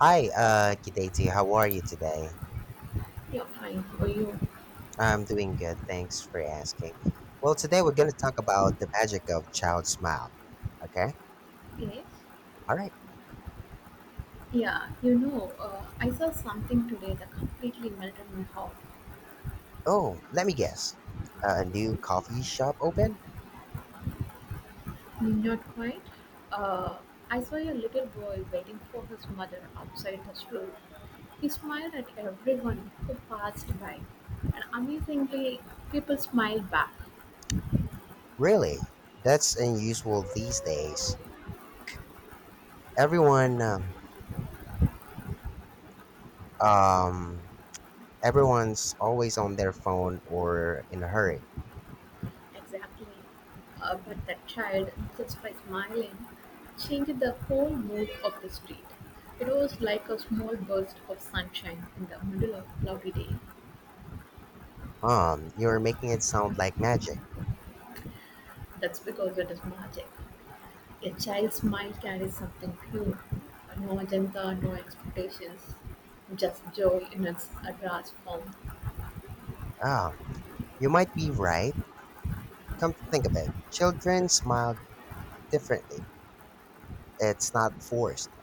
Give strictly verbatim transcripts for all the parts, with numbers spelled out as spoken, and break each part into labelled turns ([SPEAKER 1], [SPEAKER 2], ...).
[SPEAKER 1] Hi, uh, Kideti. How are you today?
[SPEAKER 2] Yeah, fine. How are you?
[SPEAKER 1] I'm doing good. Thanks for asking. Well, today we're going to talk about the magic of child smile. Okay?
[SPEAKER 2] Yes.
[SPEAKER 1] All right.
[SPEAKER 2] Yeah, you know, uh, I saw something today that completely melted my heart.
[SPEAKER 1] Oh, let me guess. A new coffee shop opened?
[SPEAKER 2] Not quite. Uh, I saw a little boy waiting for his mother outside the school. He smiled at everyone who passed by, and amazingly, people smiled back.
[SPEAKER 1] Really? That's unusual these days. Everyone, um, um, Everyone's always on their phone or in a hurry.
[SPEAKER 2] Exactly. Uh, but that child, just by smiling, changed the whole mood of the street. It was like a small burst of sunshine in the middle of cloudy day.
[SPEAKER 1] Um, you're making it sound like magic.
[SPEAKER 2] That's because it is magic. A child's smile carries something pure, no agenda, no expectations, just joy in its uh, rawest form.
[SPEAKER 1] Ah, you might be right. Come to think of it, children smile differently. It's not forced.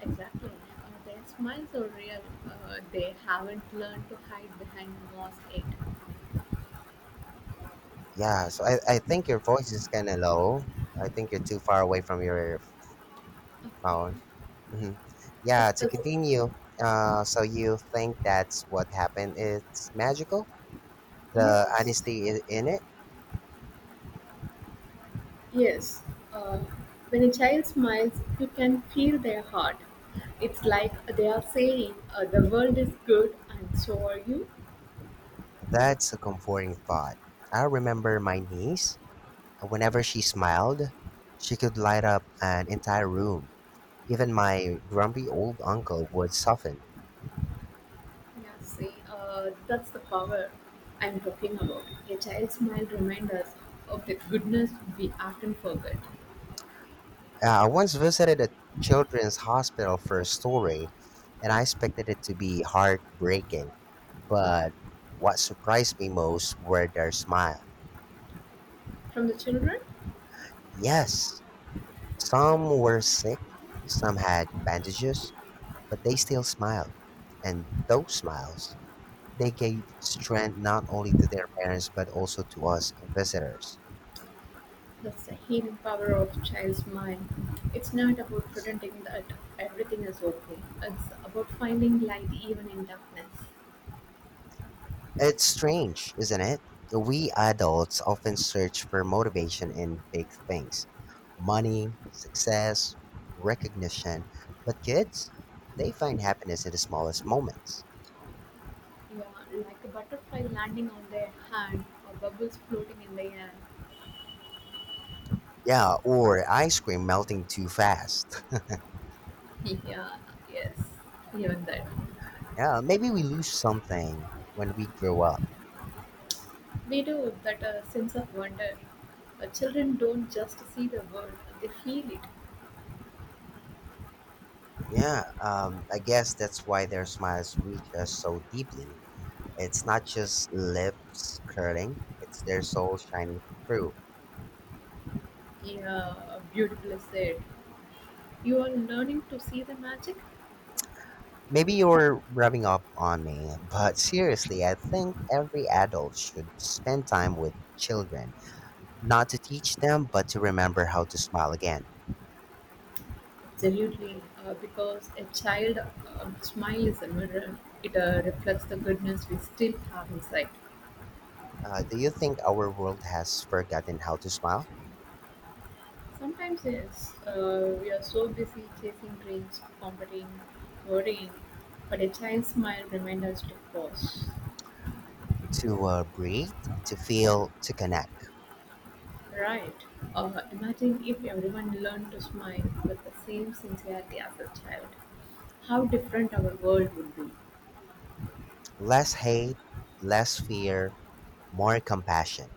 [SPEAKER 2] Exactly. Uh, their smiles are real. Uh, they haven't learned to hide behind mask yet.
[SPEAKER 1] Yeah, so I, I think your voice is kind of low. I think you're too far away from your
[SPEAKER 2] Okay.
[SPEAKER 1] phone. Hmm. Yeah,
[SPEAKER 2] It's,
[SPEAKER 1] to
[SPEAKER 2] it's
[SPEAKER 1] continue, uh, so you think that's what happened? It's magical? The
[SPEAKER 2] years.
[SPEAKER 1] honesty i- in it?
[SPEAKER 2] Yes, uh, when a child smiles, you can feel their heart. It's like they are saying, uh, the world is good, and so are you.
[SPEAKER 1] That's a comforting thought. I remember my niece. Whenever she smiled, she could light up an entire room. Even my grumpy old uncle would soften.
[SPEAKER 2] Yeah, see, uh, that's the power I'm talking about. A child's smile reminds us of the goodness we often forget.
[SPEAKER 1] Uh, I once visited a children's hospital for a story, and I expected it to be heartbreaking. But what surprised me most were their smile.
[SPEAKER 2] From the children,
[SPEAKER 1] Yes, some were sick, some had bandages, but they still smiled. And those smiles, they gave strength not only to their parents but also to us visitors.
[SPEAKER 2] that's the healing power of child's mind. It's not about pretending that everything is okay, it's about finding light even in darkness.
[SPEAKER 1] It's strange, isn't it? We adults often search for motivation in big things: money, success, recognition. But kids, they find happiness in the smallest moments.
[SPEAKER 2] Yeah, like a butterfly landing on their hand or bubbles floating in the air.
[SPEAKER 1] Yeah, or ice cream melting too fast.
[SPEAKER 2] Yeah, yes, even that.
[SPEAKER 1] Yeah, maybe we lose something when we grow up.
[SPEAKER 2] We do that uh, sense of wonder. Uh, children don't just see the world, they feel it.
[SPEAKER 1] Yeah, um, I guess that's why their smiles reach us so deeply. It's not just lips curling, it's their soul shining through.
[SPEAKER 2] Yeah, beautifully said. You are learning to see the magic?
[SPEAKER 1] Maybe you're rubbing up on me, but seriously, I think every adult should spend time with children, not to teach them, but to remember how to smile again.
[SPEAKER 2] Absolutely, uh, because a child uh, smile is a mirror. It uh, reflects the goodness we still have inside.
[SPEAKER 1] Uh, do you think our world has forgotten how to smile,
[SPEAKER 2] Sometimes, yes, uh, we are so busy chasing dreams, competing, worrying, but a child's smile reminds us to pause.
[SPEAKER 1] to uh, breathe, to feel, to connect?
[SPEAKER 2] Right? Uh, imagine if everyone learned to smile with the same sincerity as a child. How different our world would be.
[SPEAKER 1] Less hate, less fear, more compassion.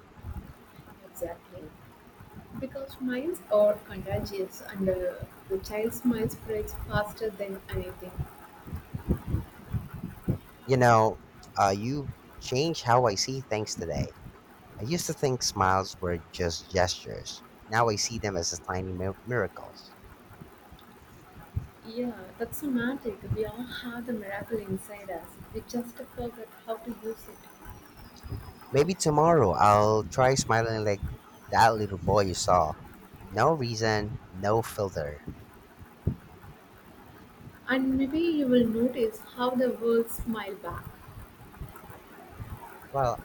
[SPEAKER 2] Exactly. Because smiles are contagious and uh, the child's smile spreads faster than anything.
[SPEAKER 1] You know, uh, you change how I see things today. I used to think smiles were just gestures. Now I see them as a tiny mir- miracles.
[SPEAKER 2] Yeah, that's so magic. We all have the miracle inside us. We just forget how to use it.
[SPEAKER 1] Maybe tomorrow I'll try smiling like that little boy you saw. No reason, no filter.
[SPEAKER 2] And maybe you will notice how the world smile back.
[SPEAKER 1] Well,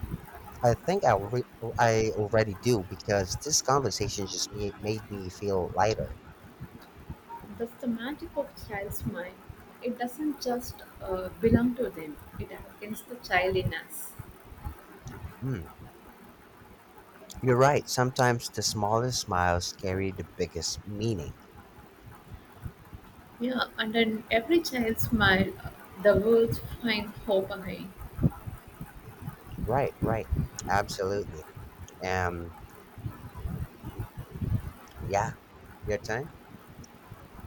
[SPEAKER 1] I think I, re- I already do because this conversation just ma- made me feel lighter.
[SPEAKER 2] That's the magic of child smile. It doesn't just uh, belong to them, it awakens the child in us.
[SPEAKER 1] Hmm, you're right. Sometimes the smallest smiles carry the biggest meaning.
[SPEAKER 2] Yeah, and then every child smile, uh, the world finds hope again.
[SPEAKER 1] Right, right. Absolutely. Um, yeah, your turn?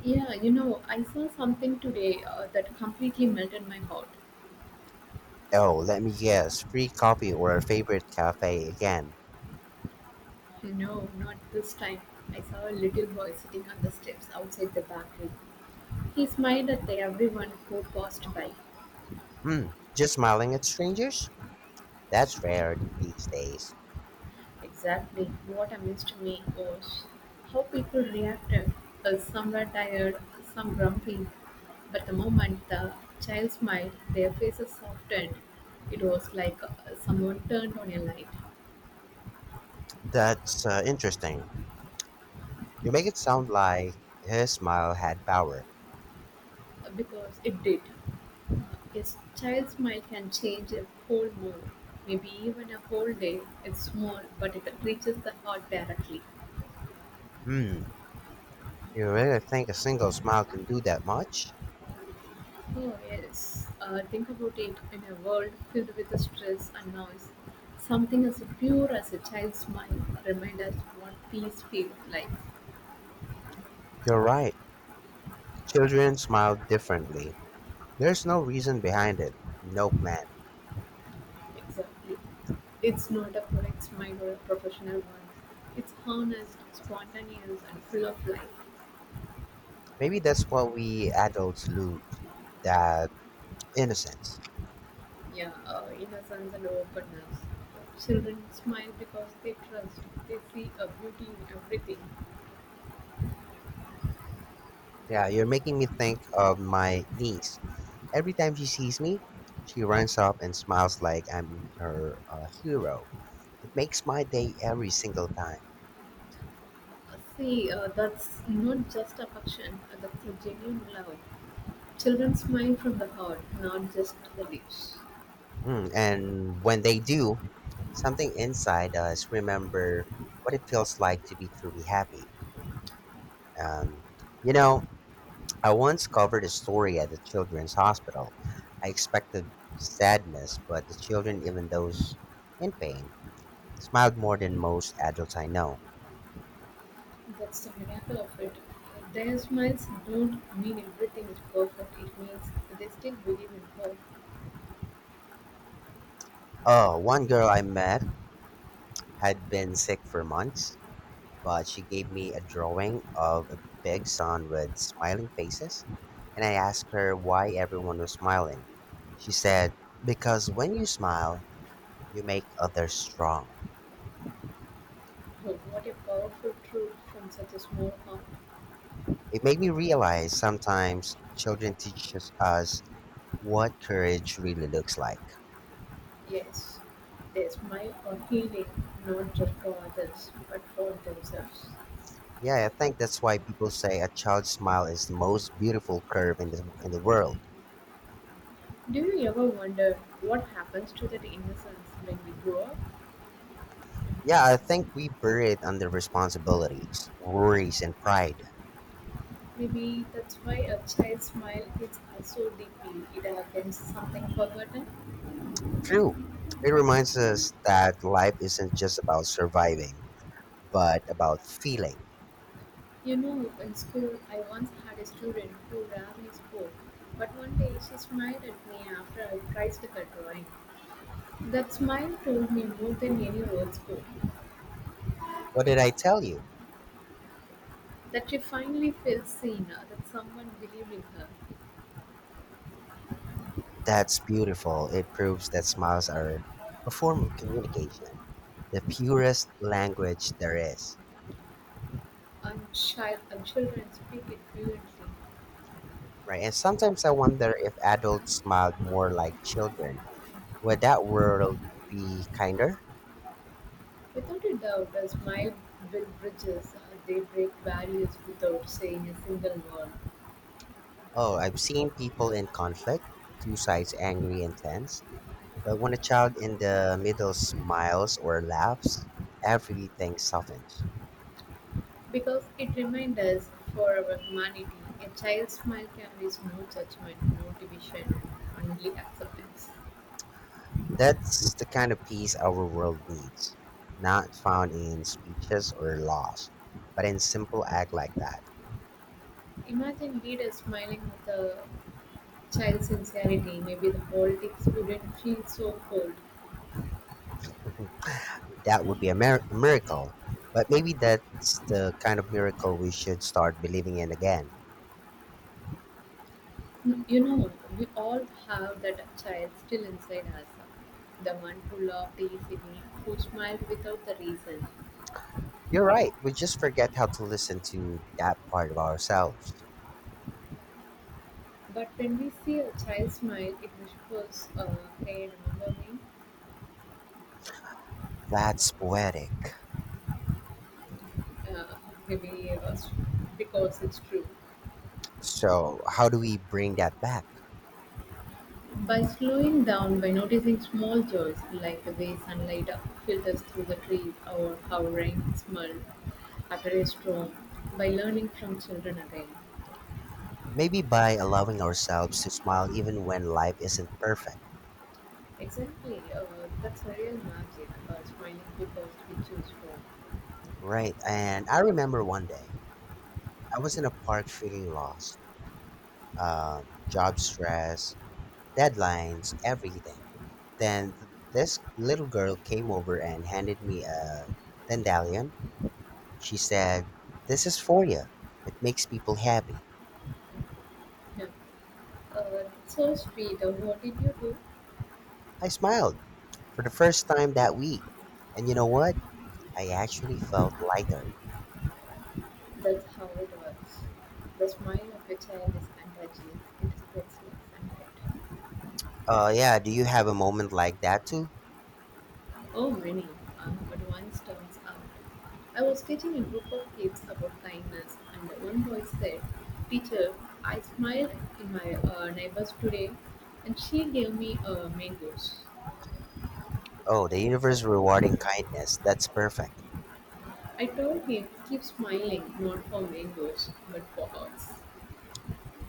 [SPEAKER 2] Yeah, you know, I saw something today uh, that completely melted my heart.
[SPEAKER 1] Oh, let me guess. Free coffee or a favorite cafe again.
[SPEAKER 2] No, not this time. I saw a little boy sitting on the steps outside the bakery. He smiled at the everyone who passed by.
[SPEAKER 1] Hmm, just smiling at strangers? That's rare these days.
[SPEAKER 2] Exactly. What amazed me was how people reacted. Uh, Some were tired, some grumpy, but the moment the child smiled, their faces softened. It was like uh, someone turned on a light.
[SPEAKER 1] That's uh, interesting. You make it sound like his smile had power.
[SPEAKER 2] Uh, because it did. A child's smile can change a whole mood, maybe even a whole day. It's small, but it reaches the heart directly.
[SPEAKER 1] Hmm, you really think a single smile can do that much?
[SPEAKER 2] Oh, yes. Uh, think about it in a world filled with stress and noise. Something as pure as a child's smile reminds us what peace feels like.
[SPEAKER 1] You're right. Children smile differently. There's no reason behind it, no plan.
[SPEAKER 2] Exactly. It's not a product smile or a professional one. It's honest, spontaneous, and full of life.
[SPEAKER 1] Maybe that's what we adults lose, that innocence.
[SPEAKER 2] Yeah, uh, innocence and openness. Children smile because they trust, they see a beauty in everything.
[SPEAKER 1] Yeah, you're making me think of my niece. Every time she sees me, she runs up and smiles like I'm her uh, hero. It makes my day every single time.
[SPEAKER 2] Uh, See, uh, that's not just affection, uh, that's a genuine love. Children smile from the heart, not just the lips.
[SPEAKER 1] Hmm. And when they do, something inside us remember what it feels like to be truly happy. Um, you know, I once covered a story at the children's hospital. I expected sadness, but the children, even those in pain, smiled more than most adults I know.
[SPEAKER 2] That's the miracle of it. Their smiles don't mean everything is perfect, it means they still believe in hope.
[SPEAKER 1] Oh, one girl I met had been sick for months but she gave me a drawing of a big sun with smiling faces, and I asked her why everyone was smiling. She said, because when you smile, you make others strong.
[SPEAKER 2] Oh, what a powerful truth from such a small heart.
[SPEAKER 1] It made me realize sometimes children teach us us what courage really looks like.
[SPEAKER 2] Yes, their smile are healing, not just for others, but for themselves.
[SPEAKER 1] Yeah, I think that's why people say a child's smile is the most beautiful curve in the in the world.
[SPEAKER 2] Do you ever wonder what happens to that innocence when we grow up?
[SPEAKER 1] Yeah, I think we bury it under responsibilities, worries, and pride.
[SPEAKER 2] Maybe that's why a child's smile hits us so deeply. It happens something forgotten.
[SPEAKER 1] True. It reminds us that life isn't just about surviving, but about feeling.
[SPEAKER 2] You know, in school, I once had a student who rarely spoke, but one day she smiled at me after I praised her drawing. That smile told me more than any words could.
[SPEAKER 1] What did I tell you?
[SPEAKER 2] That she finally felt seen, uh, that someone believed in her.
[SPEAKER 1] That's beautiful. It proves that smiles are a form of communication, the purest language there is.
[SPEAKER 2] And, child, and children speak it fluently.
[SPEAKER 1] Right? And sometimes I wonder if adults smiled more like children. Would that world be kinder?
[SPEAKER 2] Without a doubt, a smile builds bridges, uh, they break barriers without saying a single word.
[SPEAKER 1] Oh, I've seen people in conflict, two sides angry and tense. But when a child in the middle smiles or laughs, everything softens.
[SPEAKER 2] Because it reminds us, for our humanity, a child's smile carries no judgment, no division, only acceptance.
[SPEAKER 1] That's the kind of peace our world needs, not found in speeches or laws, but in simple act like that.
[SPEAKER 2] Imagine leaders smiling with a child's sincerity, maybe the politics wouldn't feel so cold.
[SPEAKER 1] That would be a mir- miracle. But maybe that's the kind of miracle we should start believing in again.
[SPEAKER 2] You know, we all have that child still inside us. The one who laughed easily, who smiled without the reason.
[SPEAKER 1] You're right. We just forget how to listen to that part of ourselves.
[SPEAKER 2] But when we see a child smile, it whispers, uh, hey, remember me?
[SPEAKER 1] That's poetic.
[SPEAKER 2] uh, maybe uh, because it's true.
[SPEAKER 1] So, how do we bring that back?
[SPEAKER 2] By slowing down, by noticing small joys like the way sunlight filters through the trees or how rain smells after a storm, by learning from children again.
[SPEAKER 1] Maybe by allowing ourselves to smile even when life isn't perfect.
[SPEAKER 2] Exactly, uh, that's a real magic, uh, smiling because we choose from.
[SPEAKER 1] Right. And I remember one day I was in a park feeling lost. Uh, job stress, deadlines, everything. Then th- this little girl came over and handed me a dandelion. She said, this is for you. It makes people happy.
[SPEAKER 2] Yeah. Uh, so sweet, uh, what did you do?
[SPEAKER 1] I smiled for the first time that week. And you know what? I actually felt lighter.
[SPEAKER 2] That's how it works. The smile of a child is contagious, it spreads like sunlight.
[SPEAKER 1] Uh, yeah, do you have a moment like that too?
[SPEAKER 2] Oh, many. Uh, but one stands out. I was teaching a group of kids about kindness, and one boy said, "Teacher, I smiled in my uh, neighbors today, and she gave me uh, mangoes."
[SPEAKER 1] Oh, the universe rewarding kindness. That's perfect.
[SPEAKER 2] I told him, "Keep smiling, not for mangoes, but for us."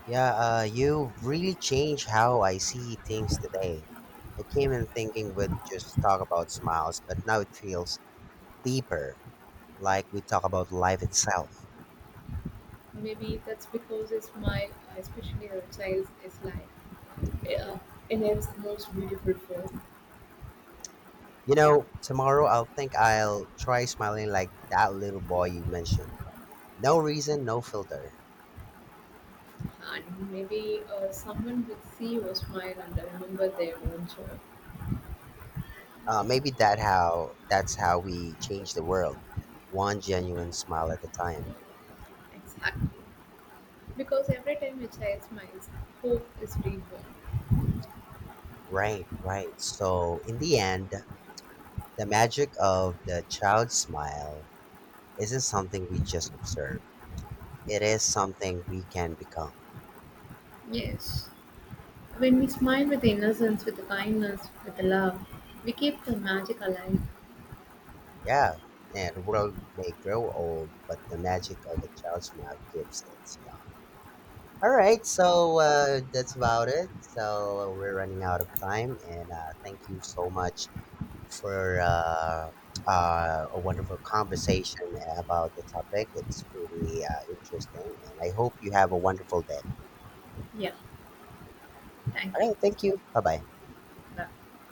[SPEAKER 1] Yeah, uh, you really changed how I see things today. I came in thinking we'd just talk about smiles, but now it feels deeper, like we talk about life itself.
[SPEAKER 2] Maybe that's because a smile, especially a child's, is like uh, in its most beautiful form.
[SPEAKER 1] You know, tomorrow I'll think I'll try smiling like that little boy you mentioned. No reason, no filter.
[SPEAKER 2] And maybe uh, someone will see your smile and remember their own joy.
[SPEAKER 1] Uh, maybe that how that's how we change the world, one genuine smile at a time.
[SPEAKER 2] Exactly. Because every time a child smiles, hope is reborn.
[SPEAKER 1] Right, right. So in the end, the magic of the child's smile isn't something we just observe. It is something we can become.
[SPEAKER 2] Yes. When we smile with innocence, with kindness, with love, we keep the magic alive.
[SPEAKER 1] Yeah, and the world may grow old, but the magic of a child's smile keeps it young. All right, so uh, that's about it. So we're running out of time, and uh, thank you so much for uh, uh, a wonderful conversation about the topic. It's pretty uh, interesting, and I hope you have a wonderful day.
[SPEAKER 2] Yeah. Thank
[SPEAKER 1] All
[SPEAKER 2] you.
[SPEAKER 1] right, thank you. Bye bye.
[SPEAKER 2] That- Yeah.